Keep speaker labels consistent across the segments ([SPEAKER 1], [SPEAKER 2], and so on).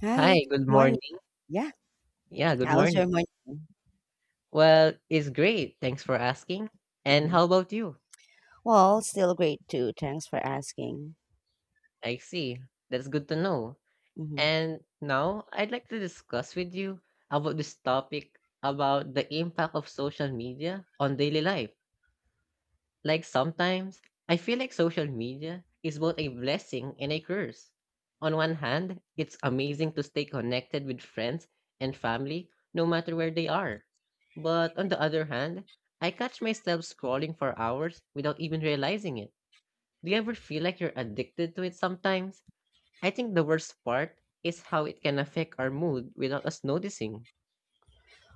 [SPEAKER 1] Hi, good
[SPEAKER 2] Hi, good
[SPEAKER 1] morning.
[SPEAKER 2] morning.
[SPEAKER 1] Yeah,
[SPEAKER 2] Yeah, good
[SPEAKER 1] how's
[SPEAKER 2] morning.
[SPEAKER 1] your morning?
[SPEAKER 2] Well, it's great. Thanks for asking. And
[SPEAKER 1] hmm
[SPEAKER 2] how about you?
[SPEAKER 1] Well, still great too. Thanks for asking.
[SPEAKER 2] I see. That's good to know.
[SPEAKER 1] hmm
[SPEAKER 2] And now I'd like to discuss with you about this topic about the impact of social media on daily life. Like sometimes, I feel like social media is both a blessing and a curse. On one hand, it's amazing to stay connected with friends and family no matter where they are. But on the other hand, I catch myself scrolling for hours without even realizing it. Do you ever feel like you're addicted to it sometimes? I think the worst part is how it can affect our mood without us noticing.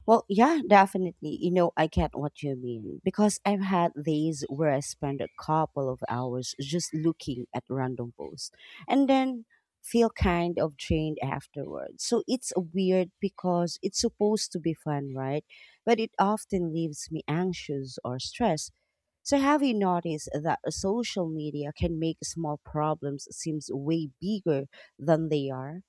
[SPEAKER 1] Well, yeah, definitely. You know, I get what you mean because I've had days where I spend a couple of hours just looking at random posts and then feel kind of drained afterwards. So it's weird because it's supposed to be fun, right? But it often leaves me anxious or stressed. So have you noticed that social media can make small problems seems way bigger than they are?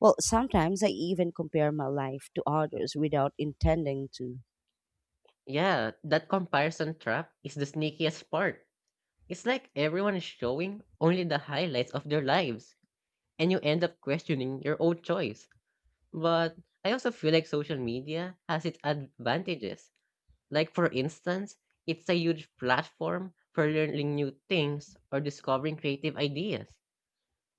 [SPEAKER 1] Well, sometimes I even compare my life to others without intending to.
[SPEAKER 2] Yeah, that comparison trap is the sneakiest part. It's like everyone is showing only the highlights of their lives, and you end up questioning your own choice. But I also feel like social media has its advantages. Like, for instance, it's a huge platform for learning new things or discovering creative ideas.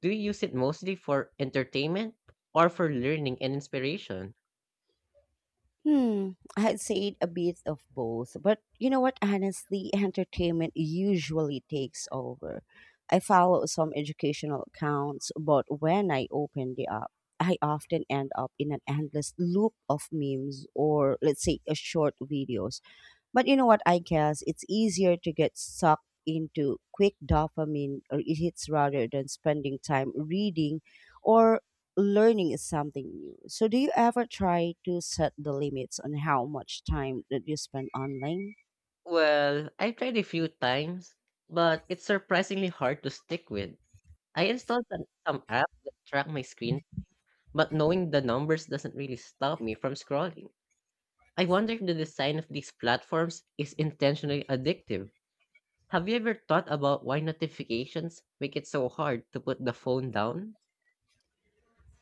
[SPEAKER 2] Do you use it mostly for entertainment or for learning and inspiration?
[SPEAKER 1] Hmm, I'd say a bit of both, but you know what? Honestly, entertainment usually takes over. I follow some educational accounts, but when I open the app, I often end up in an endless loop of memes or, let's say, a short videos. But you know what? I guess it's easier to get sucked into quick dopamine or it hits rather than spending time reading or learning something new. So, do you ever try to set the limits on how much time that you spend online?
[SPEAKER 2] Well, I've tried a few times, but it's surprisingly hard to stick with. I installed some apps that track my screen. But knowing the numbers doesn't really stop me from scrolling. I wonder if the design of these platforms is intentionally addictive. Have you ever thought about why notifications make it so hard to put the phone down?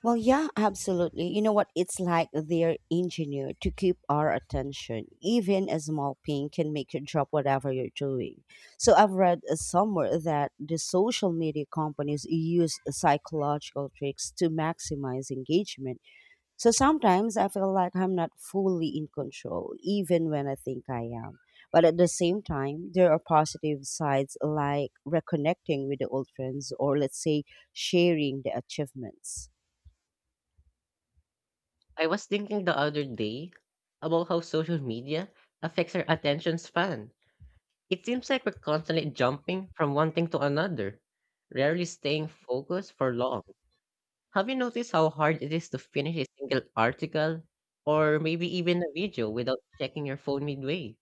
[SPEAKER 1] Well, yeah, absolutely. You know what? It's like they're engineered to keep our attention. Even a small ping can make you drop whatever you're doing. So I've read somewhere that the social media companies use psychological tricks to maximize engagement. So sometimes I feel like I'm not fully in control, even when I think I am. But at the same time, there are positive sides like reconnecting with the old friends or, let's say, sharing the achievements.
[SPEAKER 2] I was thinking the other day about how social media affects our attention span. It seems like we're constantly jumping from one thing to another, rarely staying focused for long. Have you noticed how hard it is to finish a single article or maybe even a video without checking your phone midway?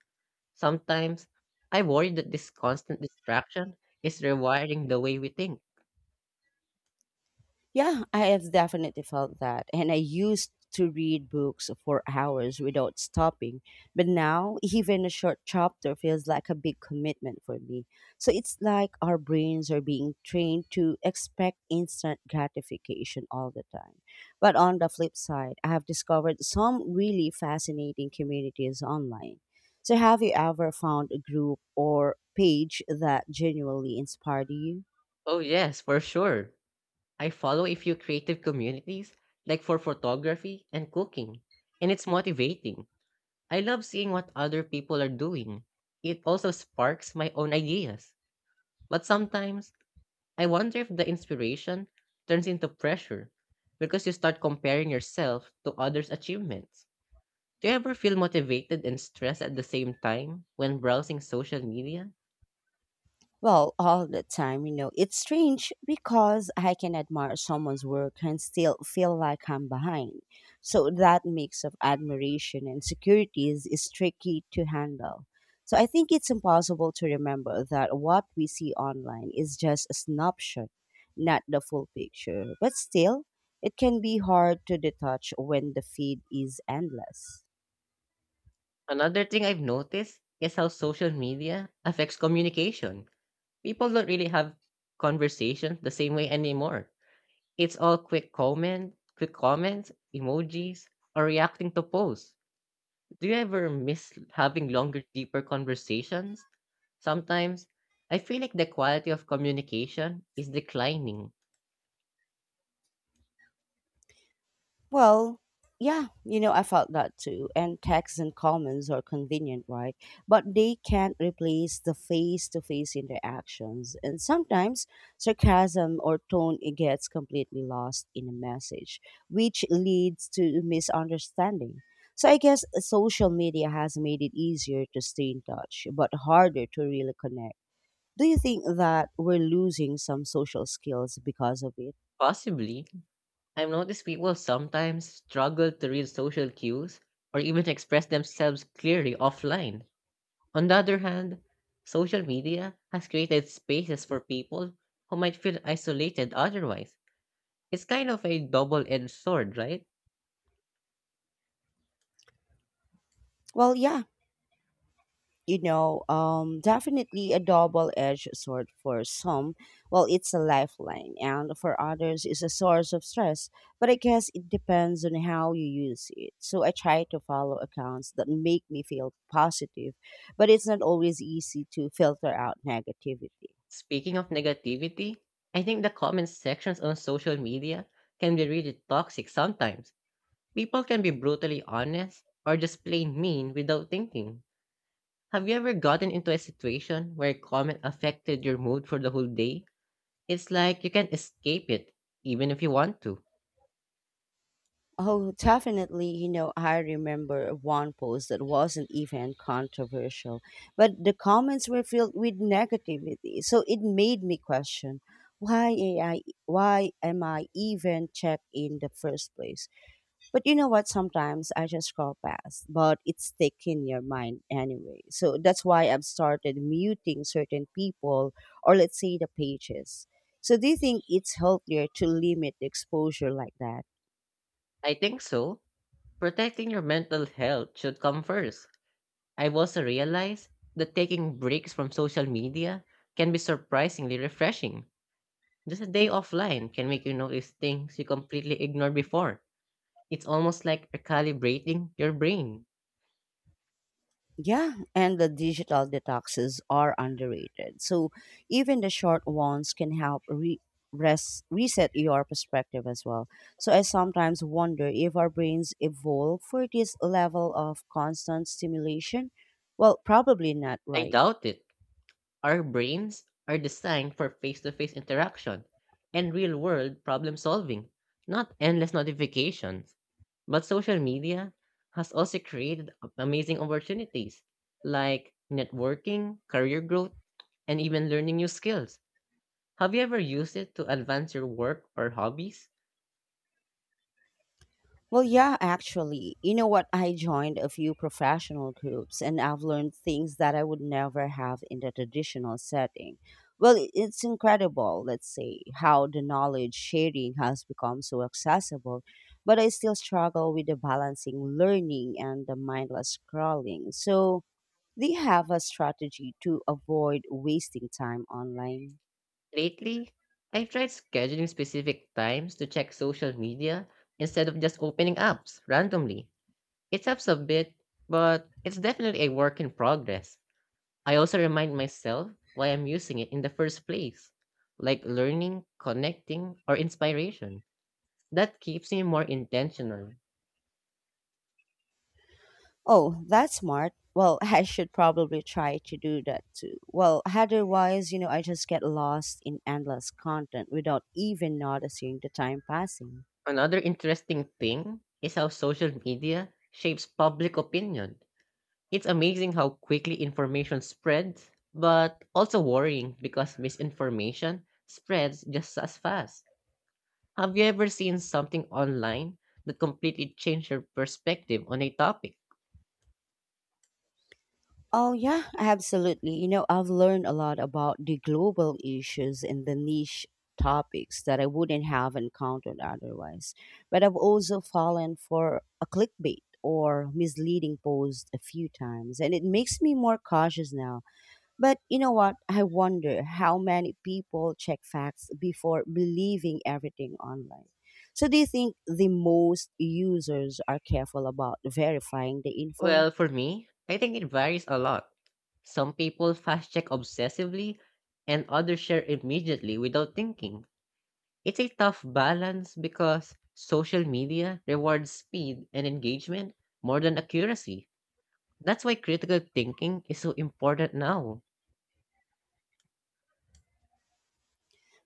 [SPEAKER 2] Sometimes I worry that this constant distraction is rewiring the way we think.
[SPEAKER 1] Yeah, I have definitely felt that. And I used to read books for hours without stopping. But now, even a short chapter feels like a big commitment for me. So it's like our brains are being trained to expect instant gratification all the time. But on the flip side, I have discovered some really fascinating communities online. So, have you ever found a group or page that genuinely inspired you?
[SPEAKER 2] Oh, yes, for sure. I follow a few creative communities, like for photography and cooking, and it's motivating. I love seeing what other people are doing. It also sparks my own ideas. But sometimes I wonder if the inspiration turns into pressure because you start comparing yourself to others' achievements. Do you ever feel motivated and stressed at the same time when browsing social media?
[SPEAKER 1] Well, all the time, you know. It's strange because I can admire someone's work and still feel like I'm behind. So that mix of admiration and security is tricky to handle. So I think it's impossible to remember that what we see online is just a snapshot, not the full picture. But still, it can be hard to detach when the feed is endless.
[SPEAKER 2] Another thing I've noticed is how social media affects communication. People don't really have conversations the same way anymore. It's all quick comments, emojis, or reacting to posts. Do you ever miss having longer, deeper conversations? Sometimes, I feel like the quality of communication is declining.
[SPEAKER 1] Well, yeah, you know, I felt that too. And texts and comments are convenient, right? But they can't replace the face to face interactions. And sometimes sarcasm or tone it gets completely lost in a message, which leads to misunderstanding. So I guess social media has made it easier to stay in touch, but harder to really connect. Do you think that we're losing some social skills because of it?
[SPEAKER 2] Possibly, I've noticed people sometimes struggle to read social cues or even express themselves clearly offline. On the other hand, social media has created spaces for people who might feel isolated otherwise. It's kind of a double edged sword, right?
[SPEAKER 1] Well, yeah, you know, definitely a double edged sword for some. Well, it's a lifeline, and for others, it's a source of stress. But I guess it depends on how you use it. So I try to follow accounts that make me feel positive, but it's not always easy to filter out negativity.
[SPEAKER 2] Speaking of negativity, I think the comment sections on social media can be really toxic sometimes. People can be brutally honest or just plain mean without thinking. Have you ever gotten into a situation where a comment affected your mood for the whole day? It's like you can't escape it, even if you want to.
[SPEAKER 1] Oh, definitely. You know, I remember one post that wasn't even controversial, but the comments were filled with negativity. So it made me question why am I even checked in the first place? But you know what? Sometimes I just scroll past, but it's stick in your mind anyway. So that's why I've started muting certain people or let's say the pages. So do you think it's healthier to limit the exposure like that?
[SPEAKER 2] I think so. Protecting your mental health should come first. I've also realized that taking breaks from social media can be surprisingly refreshing. Just a day offline can make you notice things you completely ignored before. It's almost like recalibrating your brain.
[SPEAKER 1] Yeah, and the digital detoxes are underrated. So even the short ones can help reset your perspective as well. So I sometimes wonder if our brains evolve for this level of constant stimulation. Well, probably not,
[SPEAKER 2] I
[SPEAKER 1] right?
[SPEAKER 2] doubt it. Our brains are designed for face to face interaction and real world problem solving, not endless notifications. But social media has also created amazing opportunities like networking, career growth, and even learning new skills. Have you ever used it to advance your work or hobbies?
[SPEAKER 1] Well, yeah, actually. You know what? I joined a few professional groups and I've learned things that I would never have in the traditional setting. Well, it's incredible, let's say, how the knowledge sharing has become so accessible, but I still struggle with the balancing learning and the mindless scrolling. So, do you have a strategy to avoid wasting time online.
[SPEAKER 2] Lately, I've tried scheduling specific times to check social media instead of just opening apps randomly. It helps a bit, but it's definitely a work in progress. I also remind myself why I'm using it in the first place, like learning, connecting, or inspiration. That keeps me more intentional.
[SPEAKER 1] Oh, that's smart. Well, I should probably try to do that too. Well, otherwise, you know, I just get lost in endless content without even noticing the time passing.
[SPEAKER 2] Another interesting thing is how social media shapes public opinion. It's amazing how quickly information spreads, but also worrying because misinformation spreads just as fast. Have you ever seen something online that completely changed your perspective on a topic?
[SPEAKER 1] Oh, yeah, absolutely. You know, I've learned a lot about the global issues and the niche topics that I wouldn't have encountered otherwise. But I've also fallen for a clickbait or misleading post a few times, and it makes me more cautious now. But you know what? I wonder how many people check facts before believing everything online. So, do you think the most users are careful about verifying the info?
[SPEAKER 2] Well, for me, I think it varies a lot. Some people fast check obsessively, and others share immediately without thinking. It's a tough balance because social media rewards speed and engagement more than accuracy. That's why critical thinking is so important now.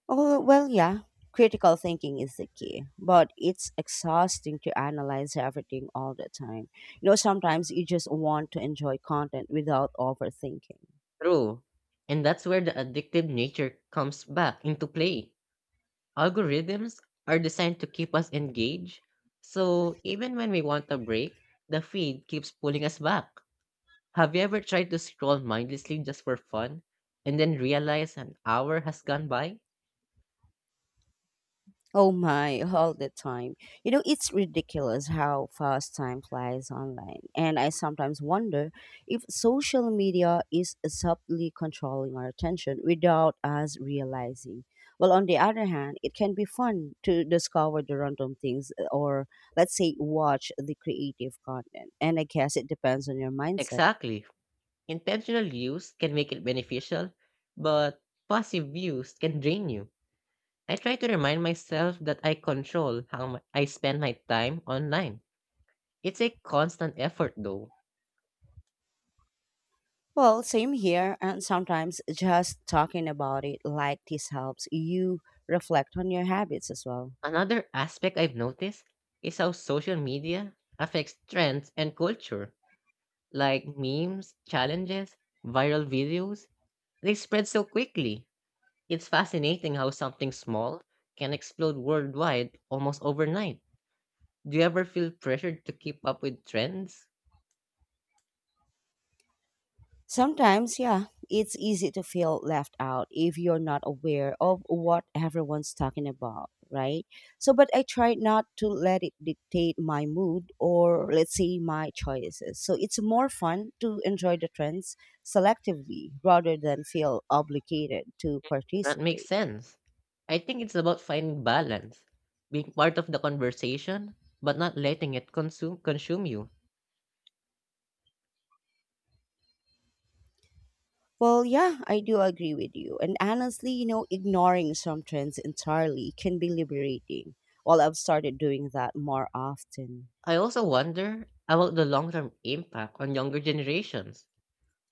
[SPEAKER 1] Oh, well, yeah. Critical thinking is the key, but it's exhausting to analyze everything all the time. You know, sometimes you just want to enjoy content without overthinking.
[SPEAKER 2] True. And that's where the addictive nature comes back into play. Algorithms are designed to keep us engaged, so even when we want a break, the feed keeps pulling us back. Have you ever tried to scroll mindlessly just for fun and then realize an hour has gone by?
[SPEAKER 1] Oh my, all the time. You know, it's ridiculous how fast time flies online. And I sometimes wonder if social media is subtly controlling our attention without us realizing. Well, on the other hand, it can be fun to discover the random things or, let's say, watch the creative content. And I guess it depends on your mindset.
[SPEAKER 2] Exactly. Intentional use can make it beneficial, but passive use can drain you. I try to remind myself that I control how I spend my time online. It's a constant effort though.
[SPEAKER 1] Well, same here. And sometimes just talking about it like this helps you reflect on your habits as well.
[SPEAKER 2] Another aspect I've noticed is how social media affects trends and culture, like memes, challenges, viral videos. They spread so quickly. It's fascinating how something small can explode worldwide almost overnight. Do you ever feel pressured to keep up with trends?
[SPEAKER 1] Sometimes, yeah, it's easy to feel left out if you're not aware of what everyone's talking about, right? So, but I try not to let it dictate my mood or, let's say, my choices. So, it's more fun to enjoy the trends selectively rather than feel obligated to
[SPEAKER 2] That makes
[SPEAKER 1] participate.
[SPEAKER 2] sense. I think it's about finding balance, being part of the conversation, but not letting it consume you.
[SPEAKER 1] Well, yeah, I do agree with you. And honestly, you know, ignoring some trends entirely can be liberating. Well, I've started doing that more often.
[SPEAKER 2] I also wonder about the long-term impact on younger generations.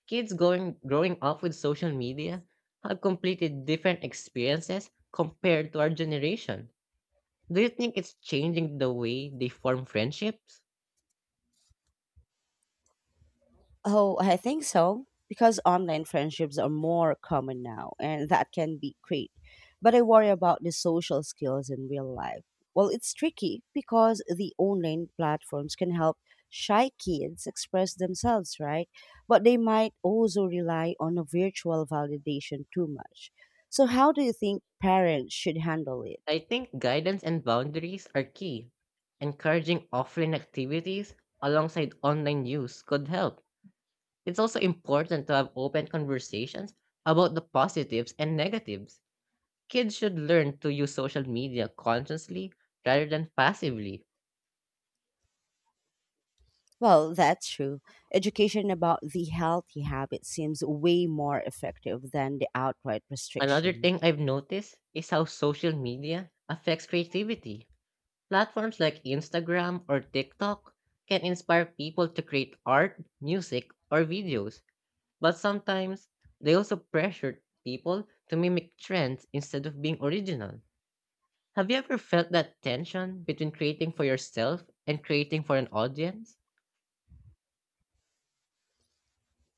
[SPEAKER 2] Kids going growing up with social media have completed different experiences compared to our generation. Do you think it's changing the way they form friendships?
[SPEAKER 1] Oh, I think so, because online friendships are more common now, and that can be great. But I worry about the social skills in real life. Well, it's tricky because the online platforms can help shy kids express themselves, right? But they might also rely on a virtual validation too much. So, how do you think parents should handle it?
[SPEAKER 2] I think guidance and boundaries are key. Encouraging offline activities alongside online use could help. It's also important to have open conversations about the positives and negatives. Kids should learn to use social media consciously rather than passively.
[SPEAKER 1] Well, that's true. Education about the healthy habit seems way more effective than the outright
[SPEAKER 2] Another
[SPEAKER 1] restriction.
[SPEAKER 2] thing I've noticed is how social media affects creativity. Platforms like Instagram or TikTok can inspire people to create art, music, or videos, but sometimes they also pressure people to mimic trends instead of being original. Have you ever felt that tension between creating for yourself and creating for an audience?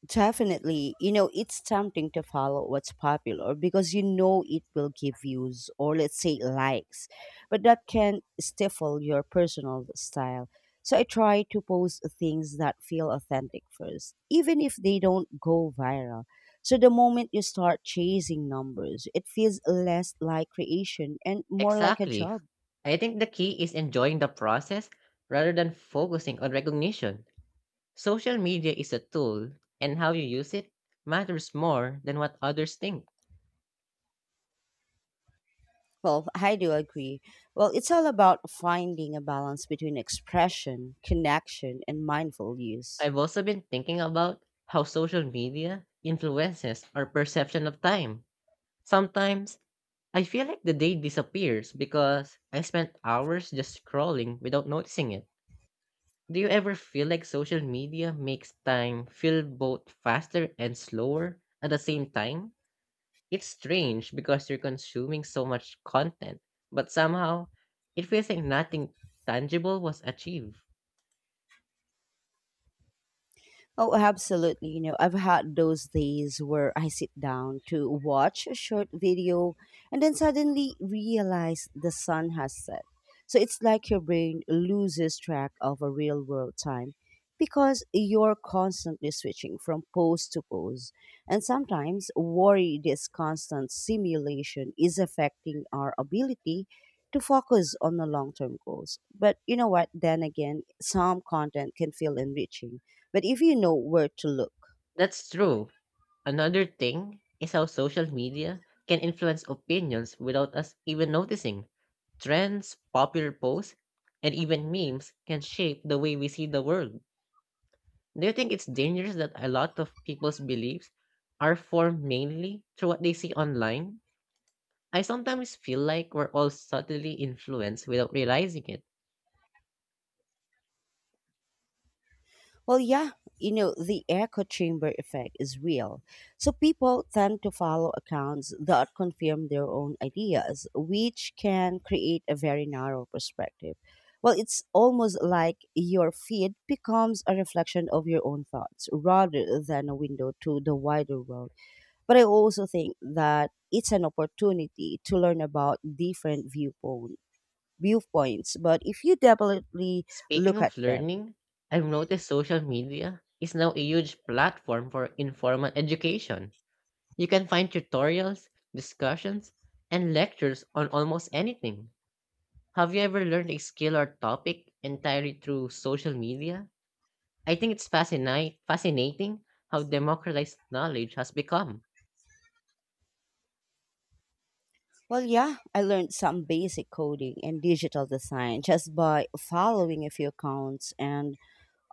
[SPEAKER 1] Definitely, you know, it's tempting to follow what's popular because you know it will give views or let's say likes, but that can stifle your personal style. So I try to post things that feel authentic first, even if they don't go viral. So the moment you start chasing numbers, it feels less like creation and more like a
[SPEAKER 2] Exactly.
[SPEAKER 1] job.
[SPEAKER 2] I think the key is enjoying the process rather than focusing on recognition. Social media is a tool, and how you use it matters more than what others think.
[SPEAKER 1] Well, I do agree. Well, it's all about finding a balance between expression, connection, and mindful use.
[SPEAKER 2] I've also been thinking about how social media influences our perception of time. Sometimes, I feel like the day disappears because I spent hours just scrolling without noticing it. Do you ever feel like social media makes time feel both faster and slower at the same time? It's strange because you're consuming so much content, but somehow it feels like nothing tangible was achieved.
[SPEAKER 1] Oh, absolutely. You know, I've had those days where I sit down to watch a short video and then suddenly realize the sun has set. So it's like your brain loses track of a real world time because you're constantly switching from pose to pose. And sometimes worry this constant simulation is affecting our ability to focus on the long term goals. But you know what? Then again, some content can feel enriching but if you know where to look,
[SPEAKER 2] That's true. Another thing is how social media can influence opinions without us even noticing. Trends, popular posts, and even memes can shape the way we see the world. Do you think it's dangerous that a lot of people's beliefs are formed mainly through what they see online? I sometimes feel like we're all subtly influenced without realizing it.
[SPEAKER 1] well, yeah, you know, the echo chamber effect is real. So people tend to follow accounts that confirm their own ideas, which can create a very narrow perspective. Well, it's almost like your feed becomes a reflection of your own thoughts rather than a window to the wider world. But I also think that it's an opportunity to learn about different viewpoints. But if you deliberately
[SPEAKER 2] Speaking
[SPEAKER 1] look at
[SPEAKER 2] of
[SPEAKER 1] them,
[SPEAKER 2] learning, I've noticed social media is now a huge platform for informal education. You can find tutorials, discussions, and lectures on almost anything. Have you ever learned a skill or topic entirely through social media? I think it's fascinating how democratized knowledge has become.
[SPEAKER 1] well, yeah, I learned some basic coding and digital design just by following a few accounts and,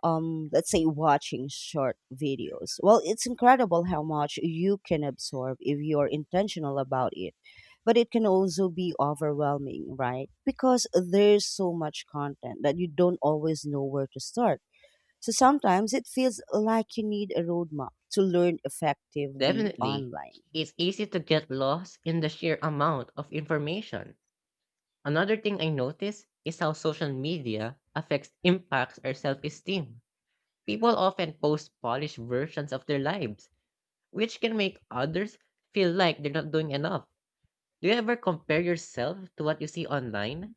[SPEAKER 1] let's say, watching short videos. Well, it's incredible how much you can absorb if you're intentional about it. But it can also be overwhelming, right? Because there's so much content that you don't always know where to start. So sometimes it feels like you need a roadmap to learn effectively
[SPEAKER 2] Definitely,
[SPEAKER 1] online.
[SPEAKER 2] it's easy to get lost in the sheer amount of information. Another thing I notice is how social media affects impacts our self-esteem. People often post polished versions of their lives, which can make others feel like they're not doing enough. Do you ever compare yourself to what you see online?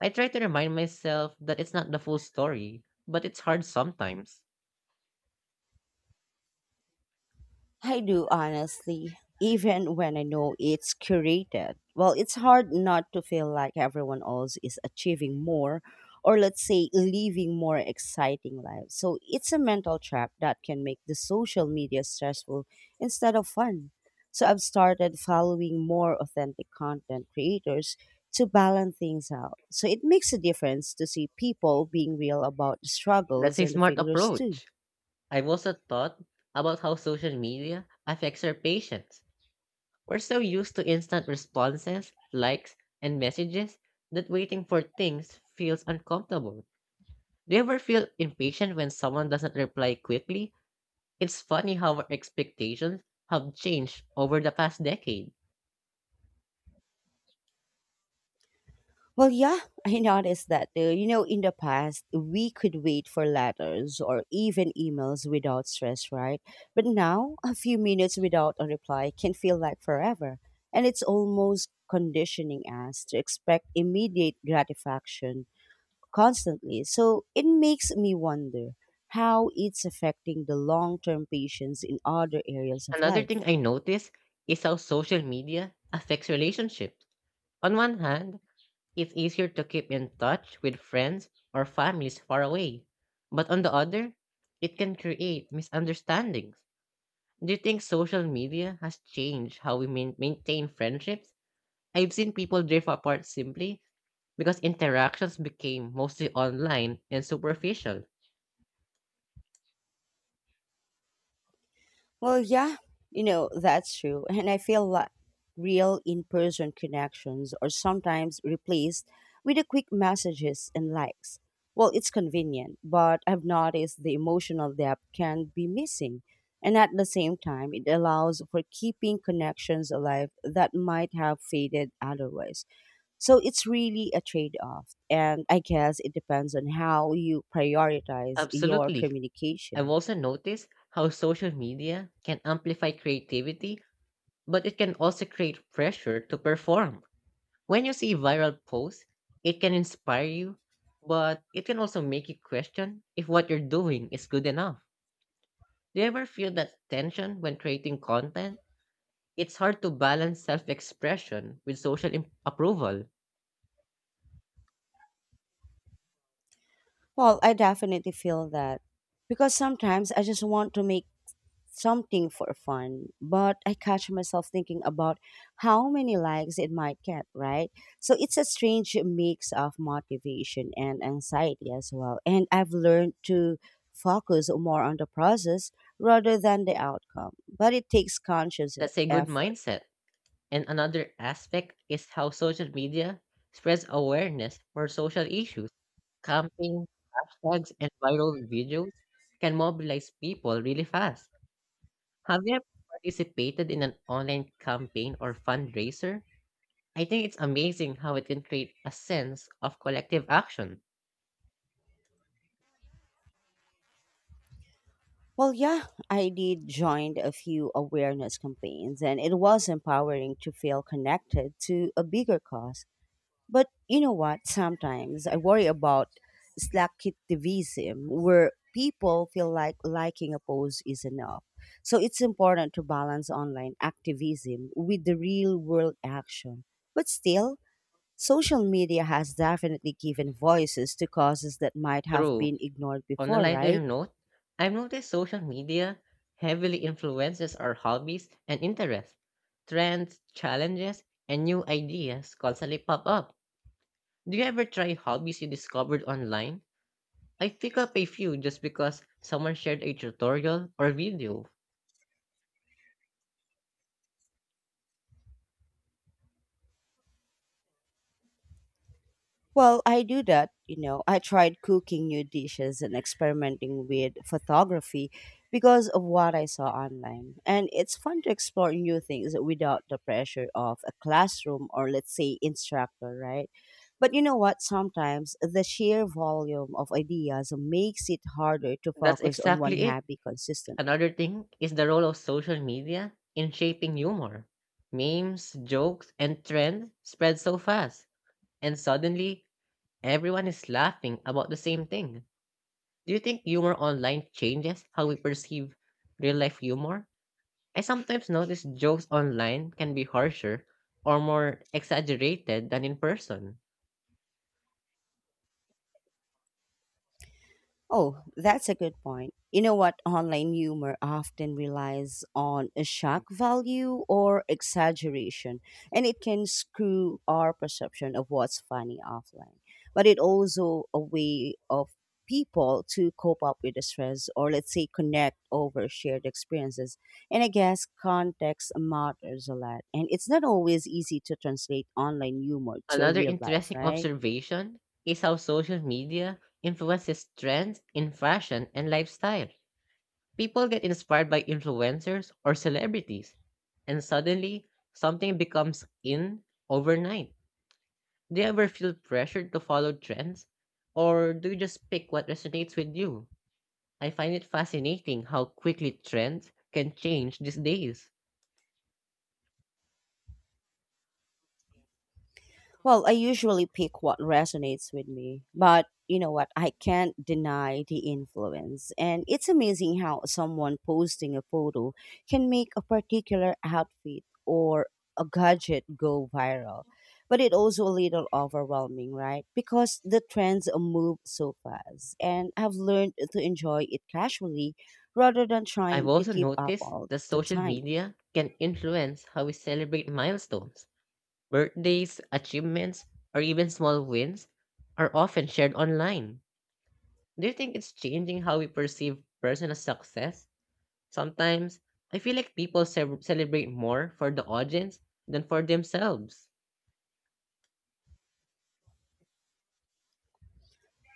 [SPEAKER 2] I try to remind myself that it's not the full story, but it's hard sometimes.
[SPEAKER 1] I do honestly, even when I know it's curated. Well, it's hard not to feel like everyone else is achieving more or let's say living more exciting lives. So it's a mental trap that can make the social media stressful instead of fun. So I've started following more authentic content creators to balance things out. So it makes a difference to see people being real about the
[SPEAKER 2] That's
[SPEAKER 1] struggles
[SPEAKER 2] a
[SPEAKER 1] and the
[SPEAKER 2] smart
[SPEAKER 1] failures too.
[SPEAKER 2] approach. I've also thought about how social media affects our patience. We're so used to instant responses, likes, and messages that waiting for things feels uncomfortable. Do you ever feel impatient when someone doesn't reply quickly? It's funny how our expectations have changed over the past decade.
[SPEAKER 1] Well, yeah, I noticed that too. You know, in the past, we could wait for letters or even emails without stress, right? But now, a few minutes without a reply can feel like forever. And it's almost conditioning us to expect immediate gratification constantly. So it makes me wonder how it's affecting the long term patience in other areas of
[SPEAKER 2] Another thing
[SPEAKER 1] life.
[SPEAKER 2] I notice is how social media affects relationships. On one hand, it's easier to keep in touch with friends or families far away, but on the other, it can create misunderstandings. Do you think social media has changed how we maintain friendships? I've seen people drift apart simply because interactions became mostly online and superficial.
[SPEAKER 1] Well, yeah, you know, that's true. And I feel like real in person connections are sometimes replaced with a quick messages and likes. Well, it's convenient, but I've noticed the emotional depth can be missing. And at the same time, it allows for keeping connections alive that might have faded otherwise. So it's really a trade off. And I guess it depends on how you prioritize your
[SPEAKER 2] Absolutely. I've
[SPEAKER 1] communication.
[SPEAKER 2] also noticed how social media can amplify creativity, but it can also create pressure to perform. When you see viral posts, it can inspire you, but it can also make you question if what you're doing is good enough. Do you ever feel that tension when creating content? It's hard to balance self expression with social approval.
[SPEAKER 1] Well, I definitely feel that because sometimes I just want to make something for fun, but I catch myself thinking about how many likes it might get, right? So it's a strange mix of motivation and anxiety as well. And I've learned to focus more on the process rather than the outcome, but it takes conscious
[SPEAKER 2] That's a good
[SPEAKER 1] effort.
[SPEAKER 2] mindset. And another aspect is how social media spreads awareness for social issues. Camping, hashtags, and viral videos can mobilize people really fast. Have you ever participated in an online campaign or fundraiser? I think it's amazing how it can create a sense of collective action.
[SPEAKER 1] Well, yeah, I did joined a few awareness campaigns, and it was empowering to feel connected to a bigger cause. But you know what? Sometimes I worry about slacktivism, where people feel like liking a post is enough. So it's important to balance online activism with the real world action. But still, social media has definitely given voices to causes that might have
[SPEAKER 2] True.
[SPEAKER 1] been ignored
[SPEAKER 2] On a
[SPEAKER 1] before,
[SPEAKER 2] lighter
[SPEAKER 1] right?
[SPEAKER 2] note, I've noticed social media heavily influences our hobbies and interests. Trends, challenges, and new ideas constantly pop up. Do you ever try hobbies you discovered online? I pick up a few just because someone shared a tutorial or video.
[SPEAKER 1] Well, I do that. You know, I tried cooking new dishes and experimenting with photography because of what I saw online. And it's fun to explore new things without the pressure of a classroom or, let's say, instructor, right? But you know what? Sometimes the sheer volume of ideas makes it harder to
[SPEAKER 2] That's
[SPEAKER 1] focus on one
[SPEAKER 2] exactly it.
[SPEAKER 1] hobby consistently.
[SPEAKER 2] Another thing is the role of social media in shaping humor. Memes, jokes, and trends spread so fast, and suddenly everyone is laughing about the same thing. Do you think humor online changes how we perceive real life humor? I sometimes notice jokes online can be harsher or more exaggerated than in person.
[SPEAKER 1] Oh, that's a good point. You know what? Online humor often relies on a shock value or exaggeration, and it can screw our perception of what's funny offline. But it also a way of people to cope up with the stress or let's say connect over shared experiences. And I guess context matters a lot. And it's not always easy to translate online humor to a
[SPEAKER 2] Another
[SPEAKER 1] real life,
[SPEAKER 2] interesting
[SPEAKER 1] right?
[SPEAKER 2] observation is how social media influences trends in fashion and lifestyle. People get inspired by influencers or celebrities, and suddenly something becomes in overnight. Do you ever feel pressured to follow trends, or do you just pick what resonates with you? I find it fascinating how quickly trends can change these days.
[SPEAKER 1] Well, I usually pick what resonates with me, but you know what? I can't deny the influence. And it's amazing how someone posting a photo can make a particular outfit or a gadget go viral. But it also a little overwhelming, right? Because the trends move so fast. And I've learned to enjoy it casually rather than
[SPEAKER 2] I've
[SPEAKER 1] trying to
[SPEAKER 2] also
[SPEAKER 1] keep up
[SPEAKER 2] noticed
[SPEAKER 1] all
[SPEAKER 2] that
[SPEAKER 1] the
[SPEAKER 2] social
[SPEAKER 1] time.
[SPEAKER 2] media can influence how we celebrate milestones. Birthdays, achievements, or even small wins are often shared online. Do you think it's changing how we perceive personal success? Sometimes, I feel like people celebrate more for the audience than for themselves.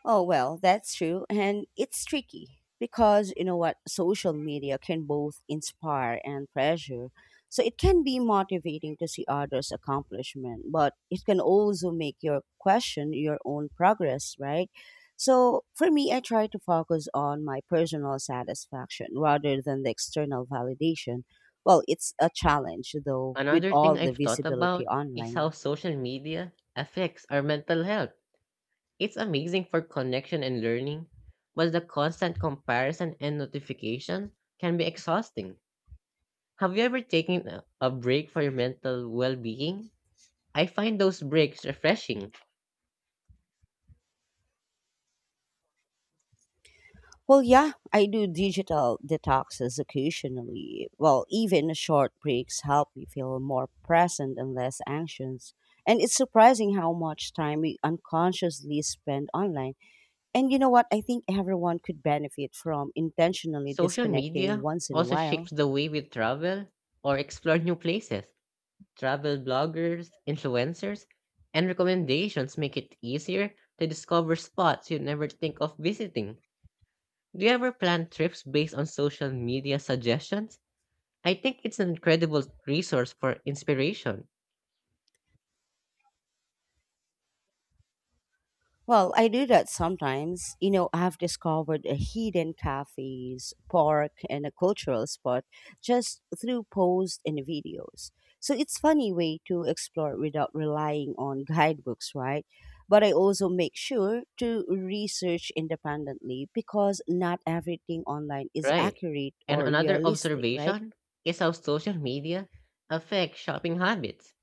[SPEAKER 1] Oh, well, that's true. And it's tricky because you know what? Social media can both inspire and pressure. So it can be motivating to see others' accomplishment, but it can also make you question your own progress, right? So for me, I try to focus on my personal satisfaction rather than the external validation. Well, it's a challenge though, with
[SPEAKER 2] Another thing
[SPEAKER 1] all the
[SPEAKER 2] I've thought
[SPEAKER 1] visibility
[SPEAKER 2] about is how
[SPEAKER 1] online.
[SPEAKER 2] social media affects our mental health. It's amazing for connection and learning, but the constant comparison and notification can be exhausting. Have you ever taken a break for your mental well being? I find those breaks refreshing.
[SPEAKER 1] Well, yeah, I do digital detoxes occasionally. Well, even short breaks help me feel more present and less anxious. And it's surprising how much time we unconsciously spend online. And you know what? I think everyone could benefit from intentionally
[SPEAKER 2] Social
[SPEAKER 1] disconnecting
[SPEAKER 2] media
[SPEAKER 1] once in a
[SPEAKER 2] also
[SPEAKER 1] while.
[SPEAKER 2] shapes the way we travel or explore new places. Travel bloggers, influencers, and recommendations make it easier to discover spots you never think of visiting. Do you ever plan trips based on social media suggestions? I think it's an incredible resource for inspiration,
[SPEAKER 1] Well, I do that sometimes. You know, I've discovered a hidden cafes, park, and a cultural spot just through posts and videos. So it's funny way to explore without relying on guidebooks, right? But I also make sure to research independently because not everything online is
[SPEAKER 2] right?
[SPEAKER 1] accurate
[SPEAKER 2] And
[SPEAKER 1] or
[SPEAKER 2] another
[SPEAKER 1] realistic, right?
[SPEAKER 2] observation is how social media affect shopping habits.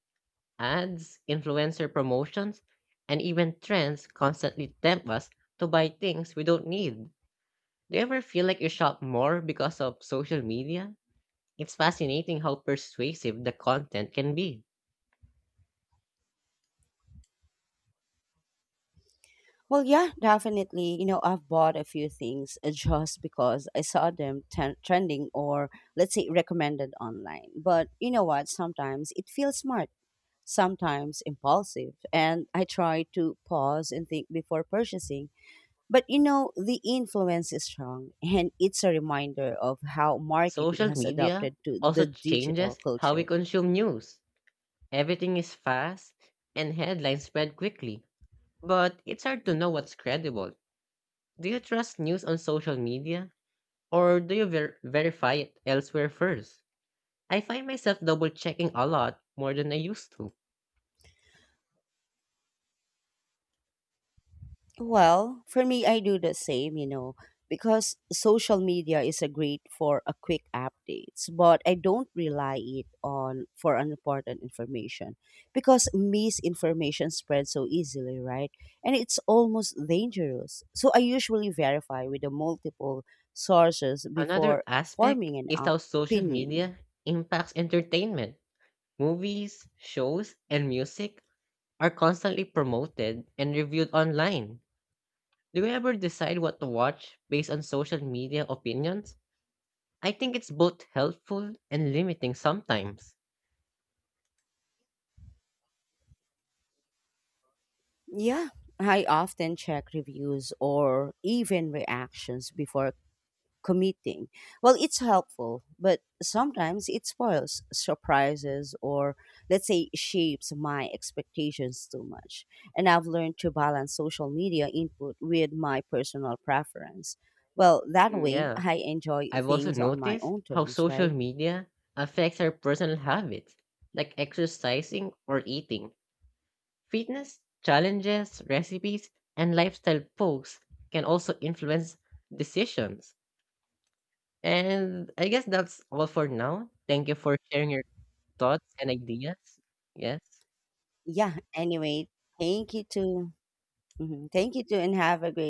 [SPEAKER 2] Ads, influencer promotions, and even trends constantly tempt us to buy things we don't need. Do you ever feel like you shop more because of social media? It's fascinating how persuasive the content can be.
[SPEAKER 1] Well, yeah, definitely. You know, I've bought a few things just because I saw them trending or, let's say, recommended online. But you know what? Sometimes it feels smart, sometimes impulsive. And I try to pause and think before purchasing. But you know, the influence is strong. And it's a reminder of how marketing
[SPEAKER 2] Social
[SPEAKER 1] has
[SPEAKER 2] media
[SPEAKER 1] adapted to
[SPEAKER 2] also
[SPEAKER 1] the
[SPEAKER 2] changes
[SPEAKER 1] digital
[SPEAKER 2] how we
[SPEAKER 1] culture.
[SPEAKER 2] consume news. Everything is fast and headlines spread quickly, but it's hard to know what's credible. Do you trust news on social media or do you verify it elsewhere first? I find myself double checking a lot more than I used to.
[SPEAKER 1] Well, for me, I do the same, you know, because social media is a great for a quick updates, but I don't rely it on for unimportant information because misinformation spreads so easily, right? And it's almost dangerous. So I usually verify with the multiple sources
[SPEAKER 2] Another
[SPEAKER 1] before
[SPEAKER 2] aspect
[SPEAKER 1] forming an
[SPEAKER 2] is how social
[SPEAKER 1] opinion.
[SPEAKER 2] media impacts entertainment. Movies, shows, and music are constantly promoted and reviewed online. Do you ever decide what to watch based on social media opinions? I think it's both helpful and limiting sometimes.
[SPEAKER 1] Yeah, I often check reviews or even reactions before committing. Well, it's helpful, but sometimes it spoils surprises or, let's say, shapes my expectations too much. And I've learned to balance social media input with my personal preference. Well, that
[SPEAKER 2] Mm,
[SPEAKER 1] way
[SPEAKER 2] yeah,
[SPEAKER 1] I enjoy
[SPEAKER 2] I've also
[SPEAKER 1] things on my
[SPEAKER 2] noticed
[SPEAKER 1] own
[SPEAKER 2] how
[SPEAKER 1] terms,
[SPEAKER 2] social
[SPEAKER 1] right?
[SPEAKER 2] media affects our personal habits, like exercising or eating. Fitness, challenges, recipes, and lifestyle posts can also influence decisions. And I guess that's all for now. Thank you for sharing your thoughts and ideas. Yes.
[SPEAKER 1] Yeah, anyway, thank you to. Mhm, thank you too, and have a great